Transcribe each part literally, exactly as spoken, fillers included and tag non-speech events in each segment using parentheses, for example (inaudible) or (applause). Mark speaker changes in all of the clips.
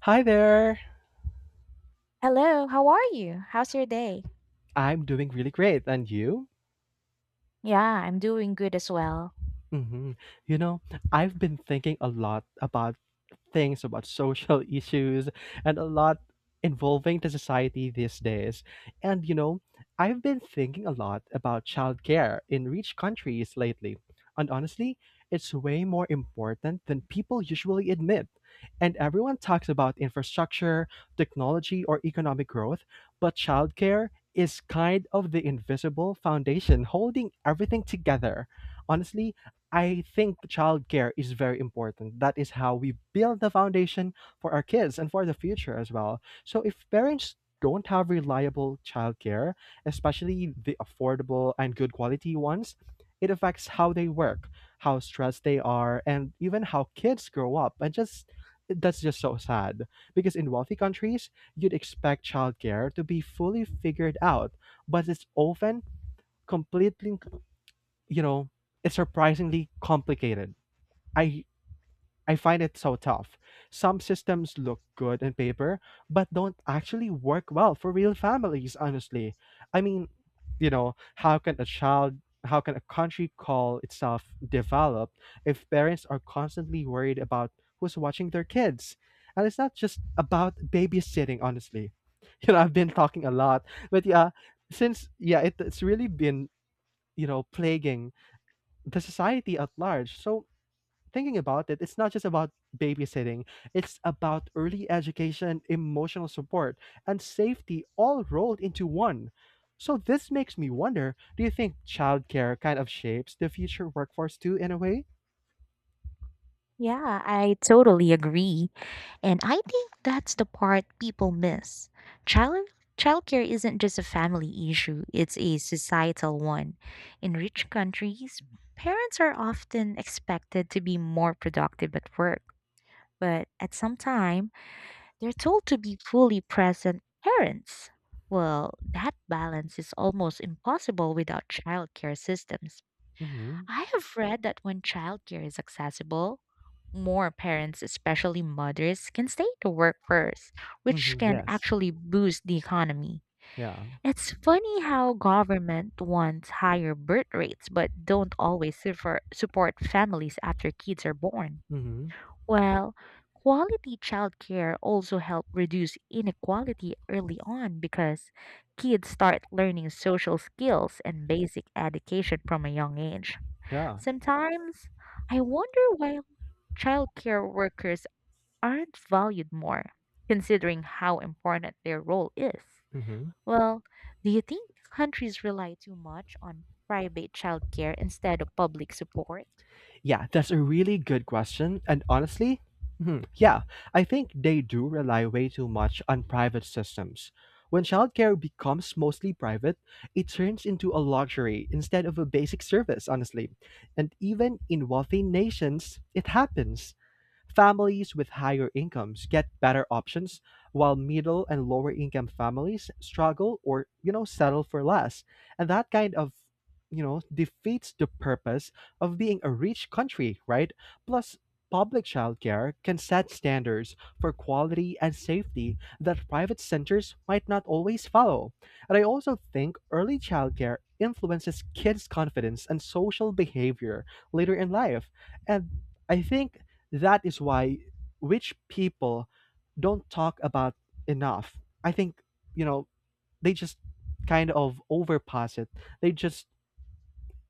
Speaker 1: Hi there.
Speaker 2: Hello, how are you? How's your day?
Speaker 1: I'm doing really great. And you?
Speaker 2: Yeah, I'm doing good as well.
Speaker 1: Hmm. You know, I've been thinking a lot about things about social (laughs) issues and a lot involving the society these days. And you know, I've been thinking a lot about childcare in rich countries lately. And honestly, it's way more important than people usually admit. And everyone talks about infrastructure, technology, or economic growth, but childcare is kind of the invisible foundation holding everything together. Honestly, I think childcare is very important. That is how we build the foundation for our kids and for the future as well. So if parents don't have reliable childcare, especially the affordable and good quality ones, it affects how they work, how stressed they are, and even how kids grow up. And just that's just so sad because in wealthy countries, you'd expect childcare to be fully figured out, but it's often completely, you know, it's surprisingly complicated. I I find it so tough. Some systems look good on paper, but don't actually work well for real families, honestly. I mean, you know, how can a child how can a country call itself developed if parents are constantly worried about who's watching their kids? And it's not just about babysitting, honestly. (laughs) You know, I've been talking a lot, but yeah, since yeah, it, it's really been you know plaguing the society at large. So thinking about it, it's not just about babysitting. It's about early education, emotional support, and safety all rolled into one. So this makes me wonder, do you think childcare kind of shapes the future workforce too in a way?
Speaker 2: Yeah, I totally agree. And I think that's the part people miss. Child childcare isn't just a family issue, it's a societal one. In rich countries, parents are often expected to be more productive at work, but at some time, they're told to be fully present parents. Well, that balance is almost impossible without childcare systems.
Speaker 1: Mhm.
Speaker 2: I have read that when childcare is accessible, more parents, especially mothers, can stay to work first, which
Speaker 1: Mhm.
Speaker 2: can
Speaker 1: Yes.
Speaker 2: actually boost the economy.
Speaker 1: Yeah.
Speaker 2: It's funny how government wants higher birth rates but don't always suffer- support families after kids are born.
Speaker 1: Mhm.
Speaker 2: Well, quality childcare also help reduce inequality early on because kids start learning social skills and basic education from a young age.
Speaker 1: Yeah.
Speaker 2: Sometimes I wonder why childcare workers aren't valued more, considering how important their role is.
Speaker 1: Mhm.
Speaker 2: Well, do you think countries rely too much on private childcare instead of public support?
Speaker 1: Yeah, that's a really good question. And honestly, hmm, yeah, I think they do rely way too much on private systems. When childcare becomes mostly private, it turns into a luxury instead of a basic service, honestly. And even in wealthy nations, it happens. Families with higher incomes get better options, while middle and lower income families struggle or, you know, settle for less. And that kind of, you know, defeats the purpose of being a rich country, right? Plus, public childcare can set standards for quality and safety that private centers might not always follow. And I also think early childcare influences kids' confidence and social behavior later in life. And I think that is why rich people don't talk about enough. I think, you know, they just kind of overpass it. They just,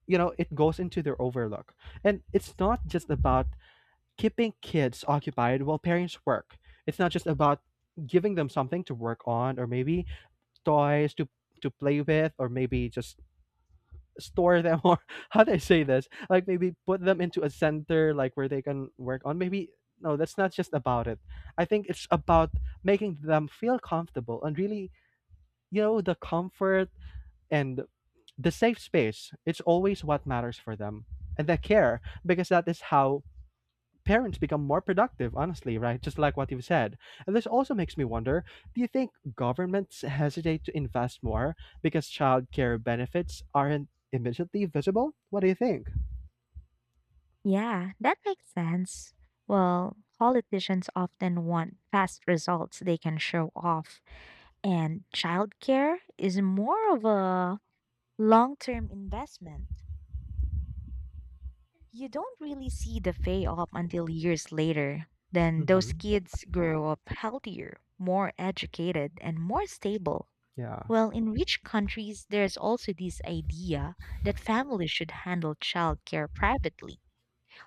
Speaker 1: you know, it goes into their overlook. And it's not just about keeping kids occupied while parents work. It's not just about giving them something to work on or maybe toys to to play with or maybe just store them or (laughs) how do I say this? Like maybe put them into a center like where they can work on. Maybe no, that's not just about it. I think it's about making them feel comfortable and really, you know, the comfort and the safe space. It's always what matters for them. And the care, because that is how parents become more productive, honestly, right? Just like what you've said. And this also makes me wonder, do you think governments hesitate to invest more because childcare benefits aren't immediately visible? What do you think?
Speaker 2: Yeah, that makes sense. Well, politicians often want fast results they can show off, and childcare is more of a long term investment. You don't really see the pay off until years later. Then those
Speaker 1: Mm-hmm.
Speaker 2: kids grow up healthier, more educated, and more stable.
Speaker 1: Yeah.
Speaker 2: Well, in rich countries, there's also this idea that families should handle childcare privately,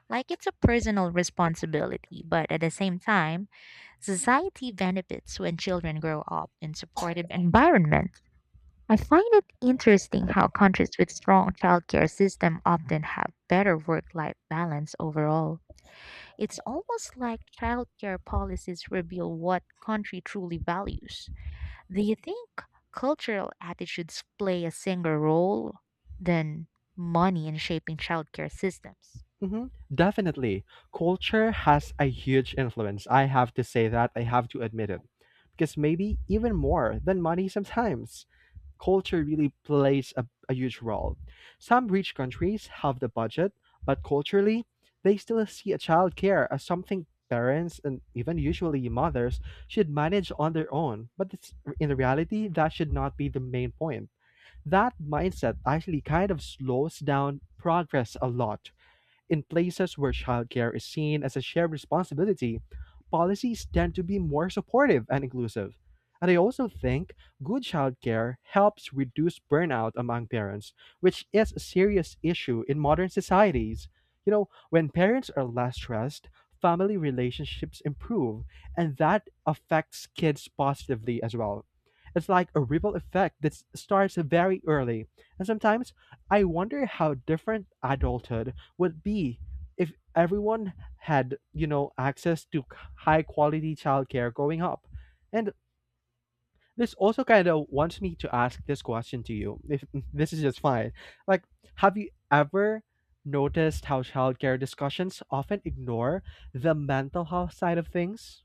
Speaker 2: like it's a personal responsibility. But at the same time, society benefits when children grow up in supportive environment. I find it interesting how countries with strong childcare system often have better work-life balance overall. It's almost like childcare policies reveal what country truly values. Do you think cultural attitudes play a single role than money in shaping childcare systems?
Speaker 1: Mm-hmm. Definitely. Culture has a huge influence. I have to say that. I have to admit it. Because maybe even more than money sometimes, culture really plays a, a huge role. Some rich countries have the budget, but culturally, they still see a childcare as something parents and even usually mothers should manage on their own. But it's, in reality, that should not be the main point. That mindset actually kind of slows down progress a lot. In places where childcare is seen as a shared responsibility, policies tend to be more supportive and inclusive. And I also think good childcare helps reduce burnout among parents, which is a serious issue in modern societies. You know, when parents are less stressed, family relationships improve, and that affects kids positively as well. It's like a ripple effect that s- starts very early. And sometimes I wonder how different adulthood would be if everyone had, you know, access to high quality childcare growing up. And this also kind of wants me to ask this question to you, if (laughs) this is just fine. Like, have you ever noticed how childcare discussions often ignore the mental health side of things?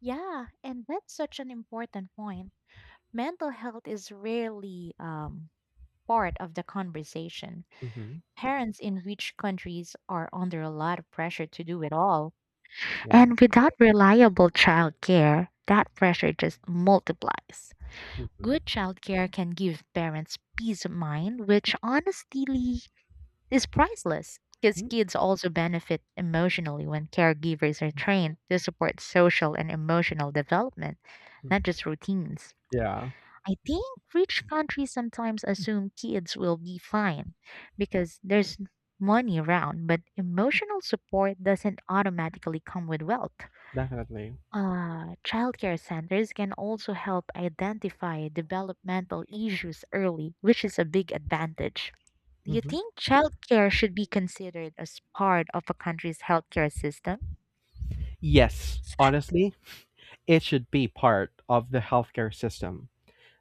Speaker 2: Yeah, and that's such an important point. Mental health is rarely um, part of the conversation.
Speaker 1: Mm-hmm.
Speaker 2: Parents in rich countries are under a lot of pressure to do it all.
Speaker 1: Yeah.
Speaker 2: And without reliable childcare, that pressure just multiplies. Good
Speaker 1: Mm-hmm.
Speaker 2: childcare can give parents peace of mind, which honestly is priceless because kids also benefit emotionally when caregivers are trained to support social and emotional development, not
Speaker 1: Mm-hmm.
Speaker 2: just routines.
Speaker 1: Yeah,
Speaker 2: I think rich countries sometimes assume kids will be fine because there's money around, but emotional support doesn't automatically come with wealth.
Speaker 1: definitely.
Speaker 2: Uh, childcare centers can also help identify developmental issues early, which is a big advantage. Do you
Speaker 1: Hmm.
Speaker 2: think childcare should be considered as part of a country's healthcare system?
Speaker 1: Yes, honestly, it should be part of the healthcare system.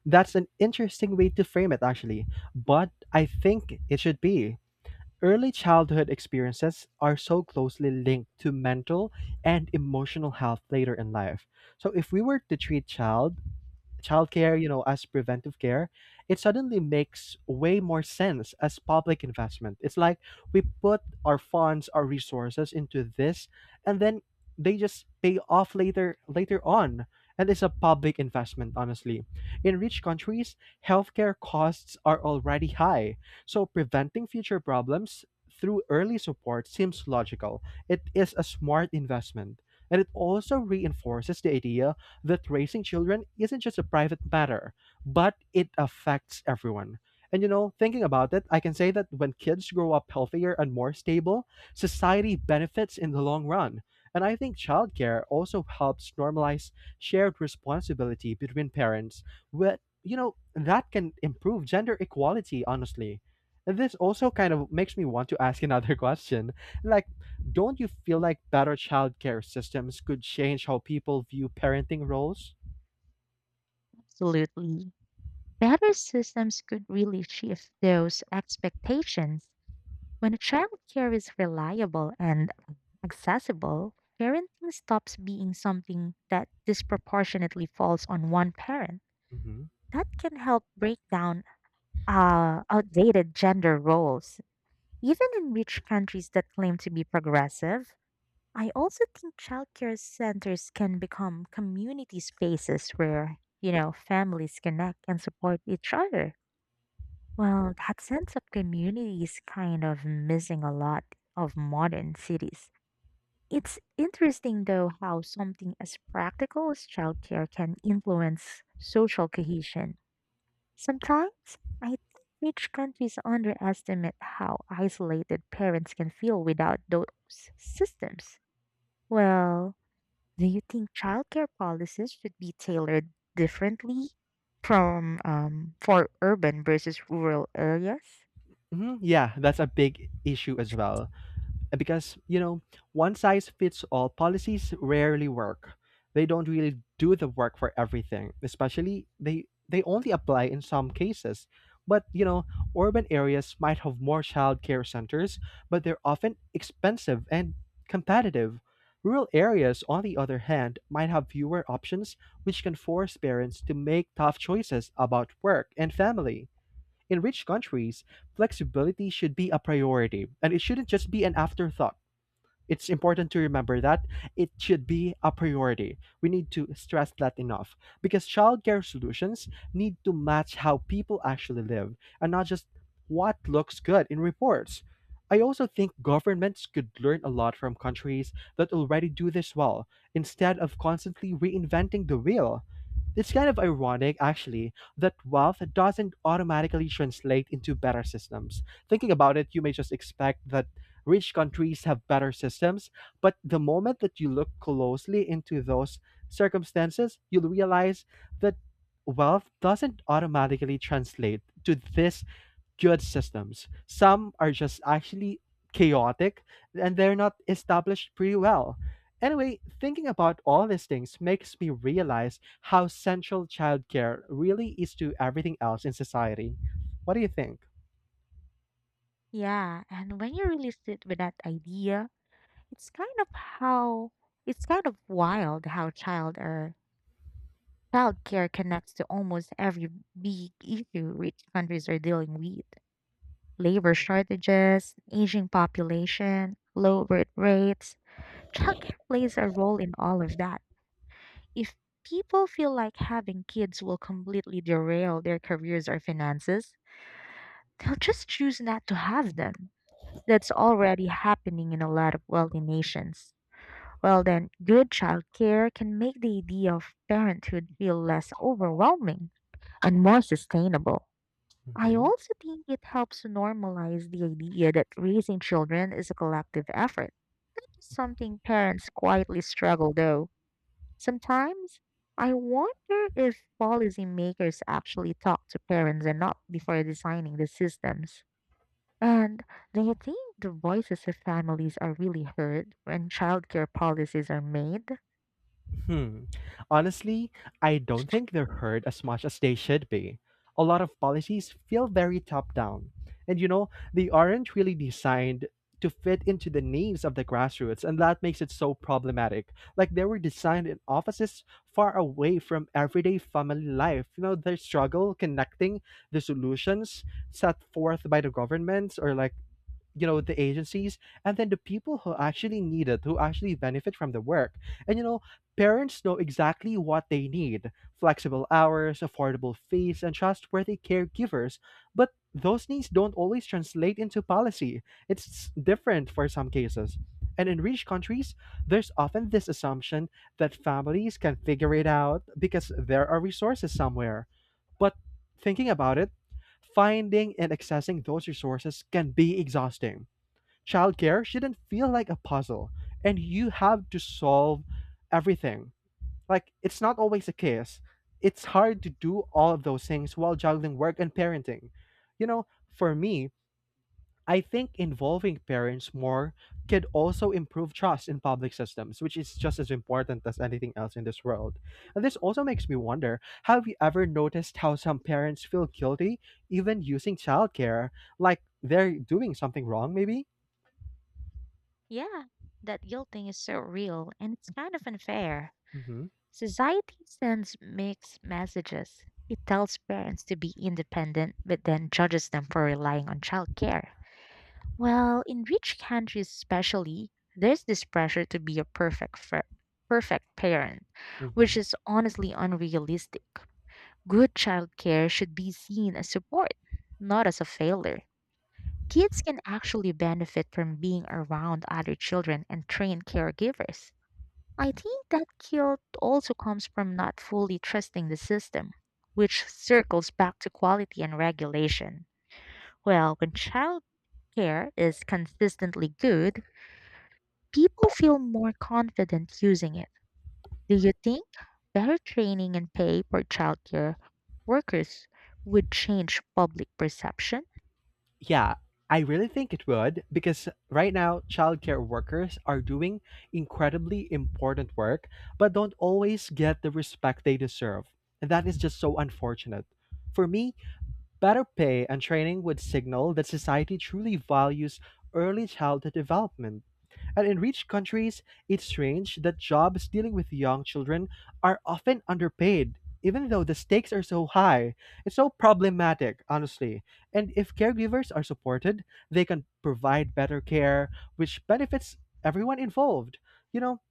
Speaker 1: That's an interesting way to frame it, actually, but I think it should be. Early childhood experiences are so closely linked to mental and emotional health later in life. So, if we were to treat child childcare, you know, as preventive care, it suddenly makes way more sense as public investment. It's like we put our funds, our resources into this, and then they just pay off later later on. And it's a public investment, honestly. In rich countries, healthcare costs are already high. So preventing future problems through early support seems logical. It is a smart investment. And it also reinforces the idea that raising children isn't just a private matter, but it affects everyone. And you know, thinking about it, I can say that when kids grow up healthier and more stable, society benefits in the long run. And I think childcare also helps normalize shared responsibility between parents, where, you know, that can improve gender equality, honestly. And this also kind of makes me want to ask another (laughs) question. Like, don't you feel like better childcare systems could change how people view parenting roles?
Speaker 2: Absolutely. Better systems could really shift those expectations. When childcare is reliable and accessible, parenting stops being something that disproportionately falls on one parent.
Speaker 1: Hmm.
Speaker 2: That can help break down uh, outdated gender roles, even in rich countries that claim to be progressive. I also think childcare centers can become community spaces where, you know, families connect and support each other. Well, that sense of community is kind of missing a lot of modern cities. It's interesting, though, how something as practical as childcare can influence social cohesion. Sometimes I think rich countries underestimate how isolated parents can feel without those systems. Well, do you think childcare policies should be tailored differently from um, for urban versus rural areas?
Speaker 1: Hmm. Yeah, that's a big issue as well. Uh, because you know one size fits all policies rarely work. They don't really do the work for everything, especially they they only apply in some cases. But you know urban areas might have more child care centers, but they're often expensive and competitive. Rural areas, on the other hand, might have fewer options, which can force parents to make tough choices about work and family. In rich countries, flexibility should be a priority, and it shouldn't just be an afterthought. It's important to remember that it should be a priority. We need to stress that enough because childcare solutions need to match how people actually live and not just what looks good in reports. I also think governments could learn a lot from countries that already do this well instead of constantly reinventing the wheel. It's kind of ironic, actually, that wealth doesn't automatically translate into better systems. Thinking about it, you may just expect that rich countries have better systems, but the moment that you look closely into those circumstances, you'll realize that wealth doesn't automatically translate to this good systems. Some are just actually chaotic, and they're not established pretty well. Anyway, thinking about all these things makes me realize how central childcare really is to everything else in society. What do you think?
Speaker 2: Yeah, and when you really sit with that idea, it's kind of how it's kind of wild how child or childcare connects to almost every big issue rich countries are dealing with. Labor shortages, aging population, low birth rates. Childcare plays a role in all of that. If people feel like having kids will completely derail their careers or finances, they'll just choose not to have them. That's already happening in a lot of wealthy nations. Well, then, good childcare can make the idea of parenthood feel less overwhelming and more sustainable. I also think it helps to normalize the idea that raising children is a collective effort, something parents quietly struggle though. Sometimes I wonder if policymakers actually talk to parents enough before designing the systems. And do you think the voices of families are really heard when childcare policies are made?
Speaker 1: Hmm. Honestly, I don't think they're heard as much as they should be. A lot of policies feel very top down. And you know, they aren't really designed to fit into the needs of the grassroots, and that makes it so problematic. Like they were designed in offices far away from everyday family life. You know, the struggle connecting the solutions set forth by the governments or like you know the agencies and then the people who actually need it, who actually benefit from the work. And you know parents know exactly what they need: flexible hours, affordable fees, and trustworthy caregivers. But those needs don't always translate into policy. It's different for some cases. And in rich countries, there's often this assumption that families can figure it out because there are resources somewhere. But thinking about it, finding and accessing those resources can be exhausting. Childcare shouldn't feel like a puzzle, and you have to solve everything. Like, it's not always the case. It's hard to do all of those things while juggling work and parenting. You know, for me, I think involving parents more could also improve trust in public systems, which is just as important as anything else in this world. And this also makes me wonder, have you ever noticed how some parents feel guilty even using childcare? Like they're doing something wrong, maybe?
Speaker 2: Yeah, that guilt thing is so real and it's kind of unfair.
Speaker 1: Mm-hmm.
Speaker 2: Society sends mixed messages. It tells parents to be independent, but then judges them for relying on childcare. Well, in rich countries, especially, there's this pressure to be a perfect, fir- perfect parent,
Speaker 1: Mm-hmm.
Speaker 2: which is honestly unrealistic. Good childcare should be seen as support, not as a failure. Kids can actually benefit from being around other children and trained caregivers. I think that guilt also comes from not fully trusting the system, which circles back to quality and regulation. Well, when childcare is consistently good, people feel more confident using it. Do you think better training and pay for childcare workers would change public perception?
Speaker 1: Yeah, I really think it would because right now childcare workers are doing incredibly important work but don't always get the respect they deserve. And that is just so unfortunate. For me, better pay and training would signal that society truly values early childhood development. And in rich countries, it's strange that jobs dealing with young children are often underpaid, even though the stakes are so high. It's so problematic, honestly. And if caregivers are supported, they can provide better care, which benefits everyone involved. You know,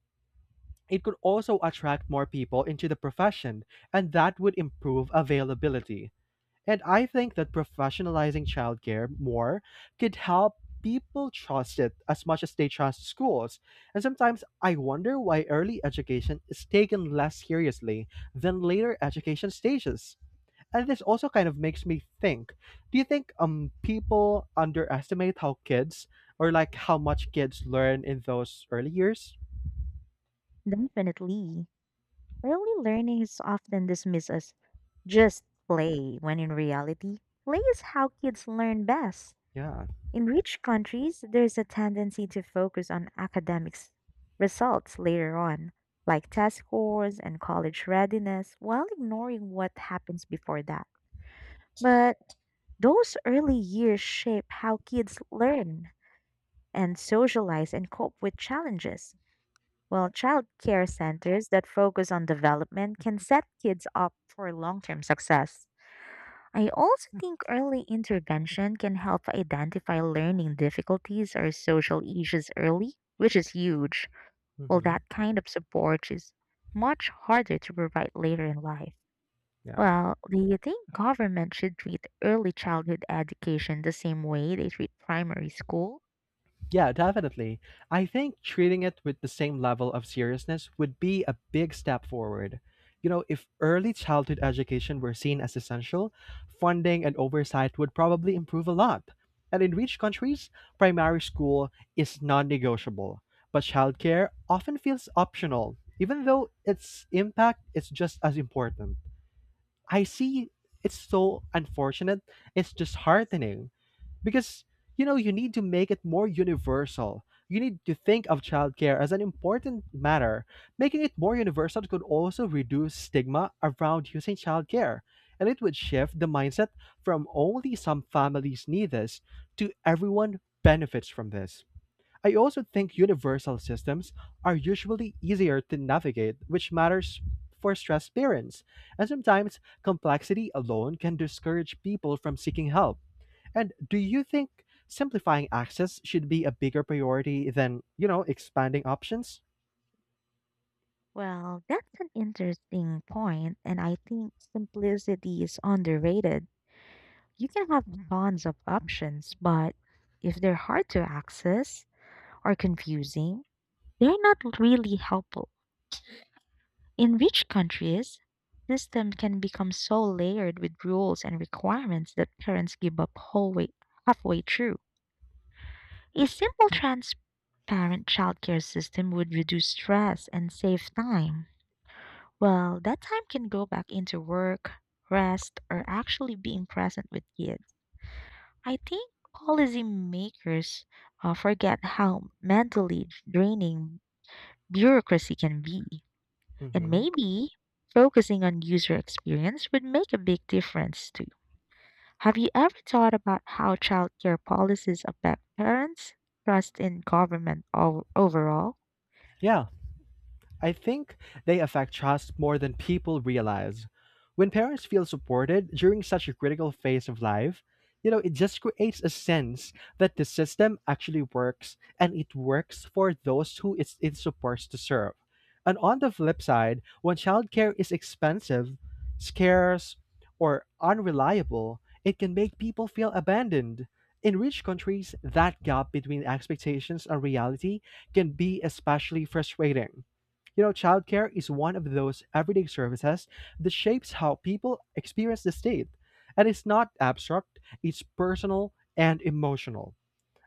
Speaker 1: it could also attract more people into the profession, and that would improve availability. And I think that professionalizing childcare more could help people trust it as much as they trust schools. And sometimes I wonder why early education is taken less seriously than later education stages. And this also kind of makes me think, do you think um people underestimate how kids, or like how much kids learn in those early years?
Speaker 2: Definitely. Early learning is often dismissed as just play, when in reality, play is how kids learn best.
Speaker 1: Yeah.
Speaker 2: In rich countries, there's a tendency to focus on academics results later on, like test scores and college readiness, while ignoring what happens before that. But those early years shape how kids learn and socialize and cope with challenges. While child care centers that focus on development can set kids up for long term success. I also think early intervention can help identify learning difficulties or social issues early, which is huge. Well,
Speaker 1: Hmm.
Speaker 2: that kind of support is much harder to provide later in life.
Speaker 1: Yeah.
Speaker 2: Well, do you think government should treat early childhood education the same way they treat primary school?
Speaker 1: Yeah, definitely. I think treating it with the same level of seriousness would be a big step forward. You know, if early childhood education were seen as essential, funding and oversight would probably improve a lot. And in rich countries, primary school is non negotiable, but childcare often feels optional, even though its impact is just as important. I see, it's so unfortunate, it's disheartening, because, you know, you need to make it more universal. You need to think of childcare as an important matter. Making it more universal could also reduce stigma around using childcare, and it would shift the mindset from only some families need this to everyone benefits from this. I also think universal systems are usually easier to navigate, which matters for stressed parents. And sometimes complexity alone can discourage people from seeking help. And do you think simplifying access should be a bigger priority than, you know, expanding options?
Speaker 2: Well, that's an interesting point, and I think simplicity is underrated. You can have tons of options, but if they're hard to access, or confusing, they're not really helpful. In rich countries, system can become so layered with rules and requirements that parents give up whole way, halfway through. A simple transparent childcare system would reduce stress and save time. Well, that time can go back into work, rest, or actually being present with kids. I think policymakers uh, forget how mentally draining bureaucracy can be. And
Speaker 1: Hmm.
Speaker 2: maybe focusing on user experience would make a big difference too. Have you ever thought about how childcare policies affect parents' trust in government o- overall?
Speaker 1: Yeah. I think they affect trust more than people realize. When parents feel supported during such a critical phase of life, you know, it just creates a sense that the system actually works and it works for those who it's, it's supposed to serve. And on the flip side, when childcare is expensive, scarce, or unreliable, it can make people feel abandoned. In rich countries, that gap between expectations and reality can be especially frustrating. You know, childcare is one of those everyday services that shapes how people experience the state. And it's not abstract, it's personal and emotional.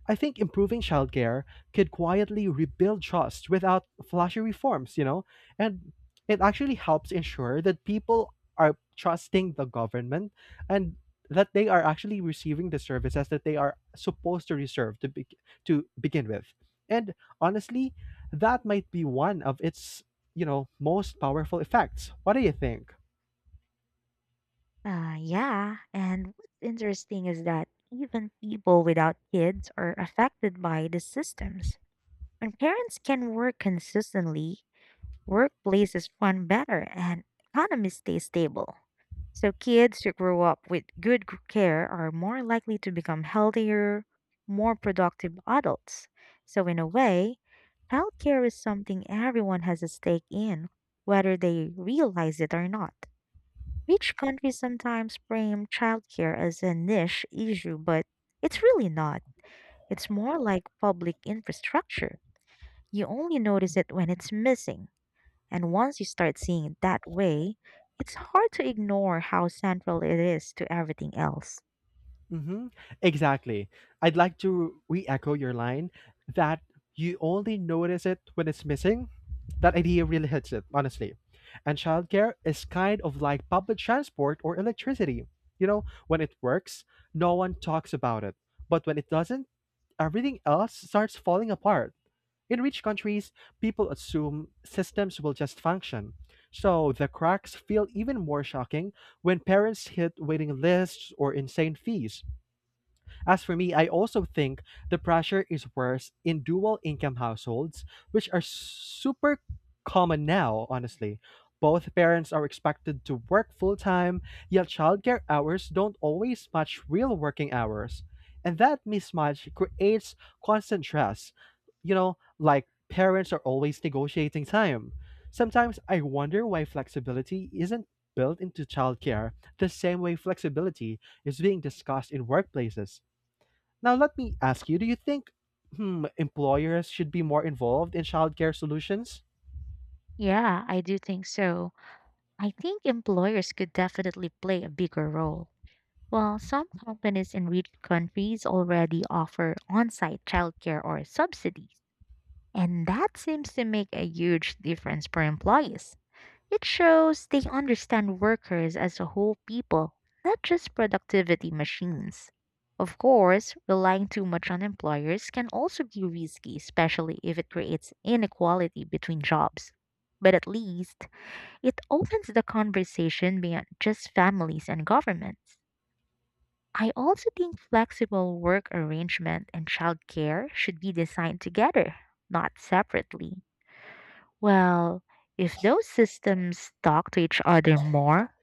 Speaker 1: I think improving childcare could quietly rebuild trust without flashy reforms, you know? And it actually helps ensure that people are trusting the government and that they are actually receiving the services that they are supposed to receive to be- to begin with. And honestly, that might be one of its, you know, most powerful effects. What do you think?
Speaker 2: Uh, yeah, and what's interesting is that even people without kids are affected by the systems. When parents can work consistently, workplaces run better, and economies stay stable. So, kids who grow up with good g- care are more likely to become healthier, more productive adults. So, in a way, healthcare is something everyone has a stake in, whether they realize it or not. Rich countries sometimes frame childcare as a niche issue, but it's really not. It's more like public infrastructure. You only notice it when it's missing. And once you start seeing it that way, it's hard to ignore how central it is to everything else.
Speaker 1: Mm-hmm. Exactly. I'd like to re echo your line that you only notice it when it's missing. That idea really hits it, honestly. And childcare is kind of like public transport or electricity. You know, when it works, no one talks about it. But when it doesn't, everything else starts falling apart. In rich countries, people assume systems will just function. So the cracks feel even more shocking when parents hit waiting lists or insane fees. As for me, I also think the pressure is worse in dual income households, which are super common now, honestly. Both parents are expected to work full time, yet childcare hours don't always match real working hours. And that mismatch creates constant stress. You know, like parents are always negotiating time. Sometimes I wonder why flexibility isn't built into childcare the same way flexibility is being discussed in workplaces. Now, let me ask you, do you think hmm, employers should be more involved in childcare solutions?
Speaker 2: Yeah, I do think so. I think employers could definitely play a bigger role. While some companies in rich countries already offer on site childcare or subsidies, and that seems to make a huge difference for employees. It shows they understand workers as a whole people, not just productivity machines. Of course, relying too much on employers can also be risky, especially if it creates inequality between jobs. But at least, it opens the conversation beyond just families and governments. I also think flexible work arrangement and childcare should be designed together, not separately. Well, if those systems talk to each other more,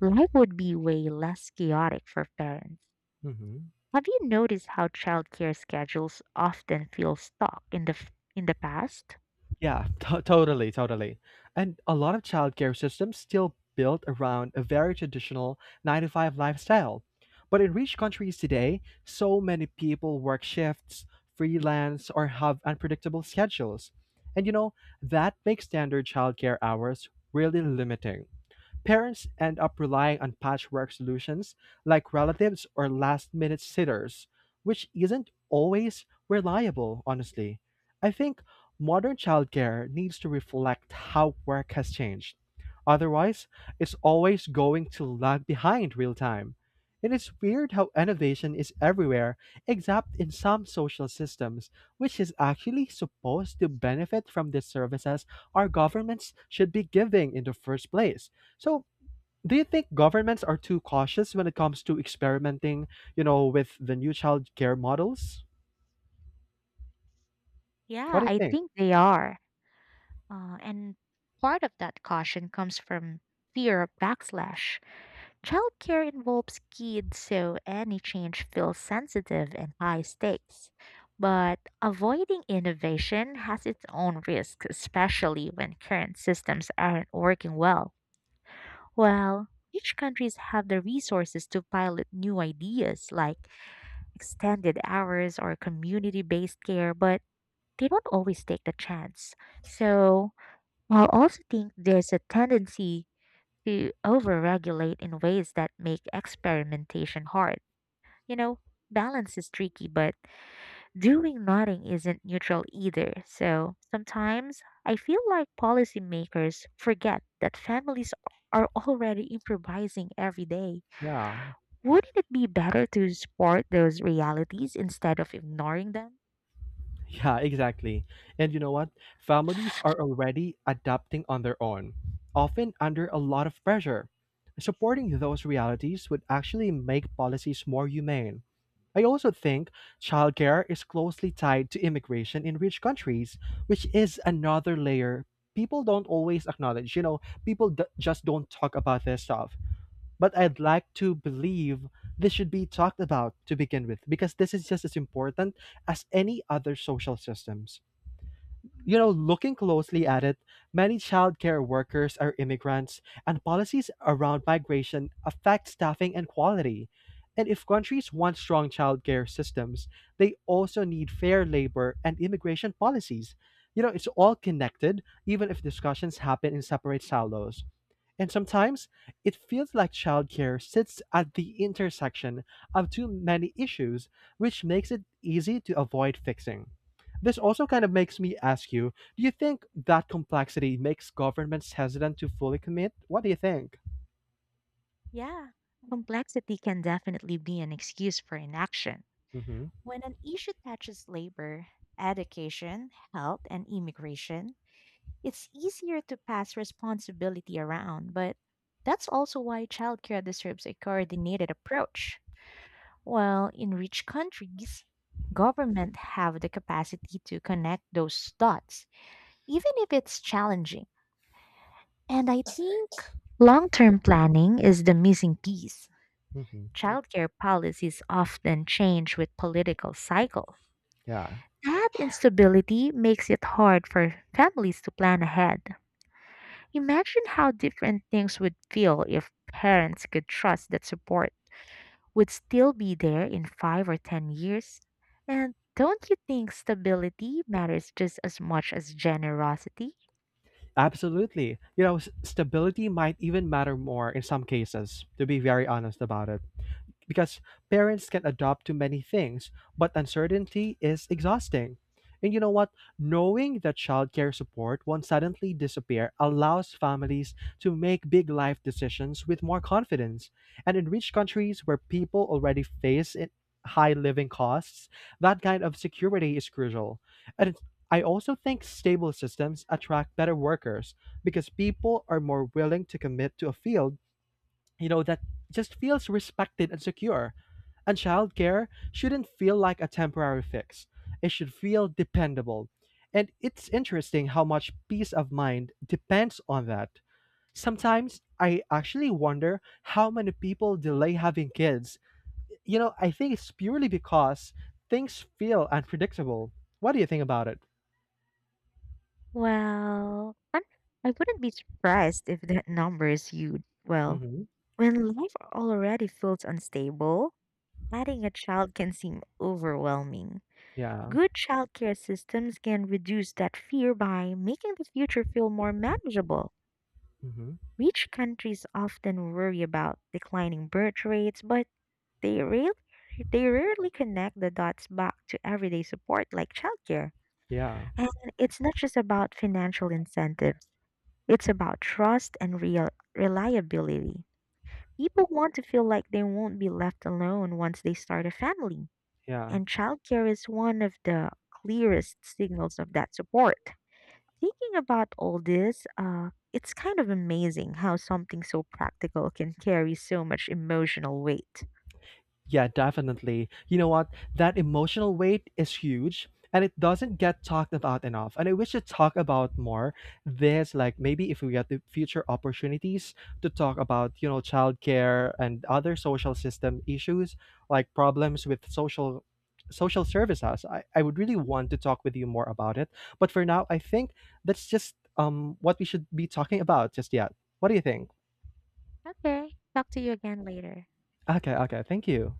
Speaker 2: life would be way less chaotic for parents.
Speaker 1: Hmm.
Speaker 2: Have you noticed how childcare schedules often feel stuck in the f- in the past?
Speaker 1: Yeah, (laughs) to- totally, totally. And a lot of childcare systems still built around a very traditional nine to five lifestyle. But in rich countries today, so many people work shifts, freelance, or have unpredictable schedules. And you know, that makes standard childcare hours really limiting. Parents end up relying on patchwork solutions like relatives or last minute sitters, which isn't always reliable, honestly. I think modern childcare needs to reflect how work has changed. Otherwise, it's always going to lag behind real time. It is weird how innovation is everywhere except in some social systems, which is actually supposed to benefit from the services our governments should be giving in the first place. So, do you think governments are too cautious when it comes to experimenting, you know, with the new child care models? What
Speaker 2: Yeah,
Speaker 1: do you
Speaker 2: I
Speaker 1: think?
Speaker 2: think they are. Uh, and part of that caution comes from fear of backlash. Childcare involves kids, so any change feels sensitive and high stakes. But avoiding innovation has its own risks, especially when current systems aren't working well. Well, each countries have the resources to pilot new ideas like extended hours or community-based care, but they don't always take the chance. So, I'll also think there's a tendency who overregulate in ways that make experimentation hard. You know, balance is tricky, but doing nothing isn't neutral either. So sometimes I feel like policymakers forget that families are already improvising every day.
Speaker 1: Yeah. (laughs)
Speaker 2: Wouldn't it be better to support those realities instead of ignoring them?
Speaker 1: Yeah, exactly. And you know what? Families are already adapting on their own, often under a lot of pressure. Supporting those realities would actually make policies more humane. I also think childcare is closely tied to immigration in rich countries, which is another layer people don't always acknowledge. You know, people d- just don't talk about this stuff. But I'd like to believe this should be talked about to begin with, because this is just as important as any other social systems. You know, looking closely at it, many childcare workers are immigrants, and policies around migration affect staffing and quality. And if countries want strong childcare systems, they also need fair labor and immigration policies. You know, it's all connected, even if discussions happen in separate silos. And sometimes it feels like childcare sits at the intersection of too many issues, which makes it easy to avoid fixing. This also kind of makes me ask you, do you think that complexity makes governments hesitant to fully commit? What do you think?
Speaker 2: Yeah, complexity can definitely be an excuse for inaction.
Speaker 1: Hmm.
Speaker 2: When an issue touches labor, education, health, and immigration, it's easier to pass responsibility around, but that's also why childcare deserves a coordinated approach. While in rich countries, government have the capacity to connect those dots, even if it's challenging. And I think long-term planning is the missing piece.
Speaker 1: Hmm.
Speaker 2: Childcare policies often change with political cycles.
Speaker 1: Yeah,
Speaker 2: That instability makes it hard for families to plan ahead. Imagine how different things would feel if parents could trust that support would still be there in five or ten years. And don't you think stability matters just as much as generosity?
Speaker 1: absolutely. You know, s- stability might even matter more in some cases, to be very honest about it. Because parents can adopt to many things, but uncertainty is exhausting. And you know what? Knowing that childcare support won't suddenly disappear allows families to make big life decisions with more confidence. And in rich countries where people already face it, high living costs, that kind of security is crucial. And it's- I also think stable systems attract better workers because people are more willing to commit to a field, you know, that just feels respected and secure and childcare shouldn't feel like a temporary fix. It should feel dependable. And it's interesting how much peace of mind depends on that. Sometimes I actually wonder how many people delay having kids. You know, I think it's purely because things feel unpredictable. What do you think about it?
Speaker 2: Well, I'm, I wouldn't be surprised if that number is huge. Well,
Speaker 1: Hmm.
Speaker 2: when life already feels unstable, adding a child can seem overwhelming.
Speaker 1: Yeah.
Speaker 2: Good childcare systems can reduce that fear by making the future feel more manageable.
Speaker 1: Hmm.
Speaker 2: Rich countries often worry about declining birth rates, but they rarely, they rarely connect the dots back to everyday support like childcare.
Speaker 1: Yeah.
Speaker 2: And it's not just about financial incentives, it's about trust and real reliability. People want to feel like they won't be left alone once they start a family,
Speaker 1: Yeah.
Speaker 2: and childcare is one of the clearest signals of that support. Thinking about all this, uh, it's kind of amazing how something so practical can carry so much emotional weight.
Speaker 1: Yeah, definitely. You know what? That emotional weight is huge and it doesn't get talked about enough. And I wish to talk about more this, like maybe if we get the future opportunities to talk about, you know, childcare and other social system issues, like problems with social social services. I, I would really want to talk with you more about it. But for now, I think that's just um what we should be talking about just yet. What do you think?
Speaker 2: Okay, talk to you again later.
Speaker 1: Okay, okay, thank you.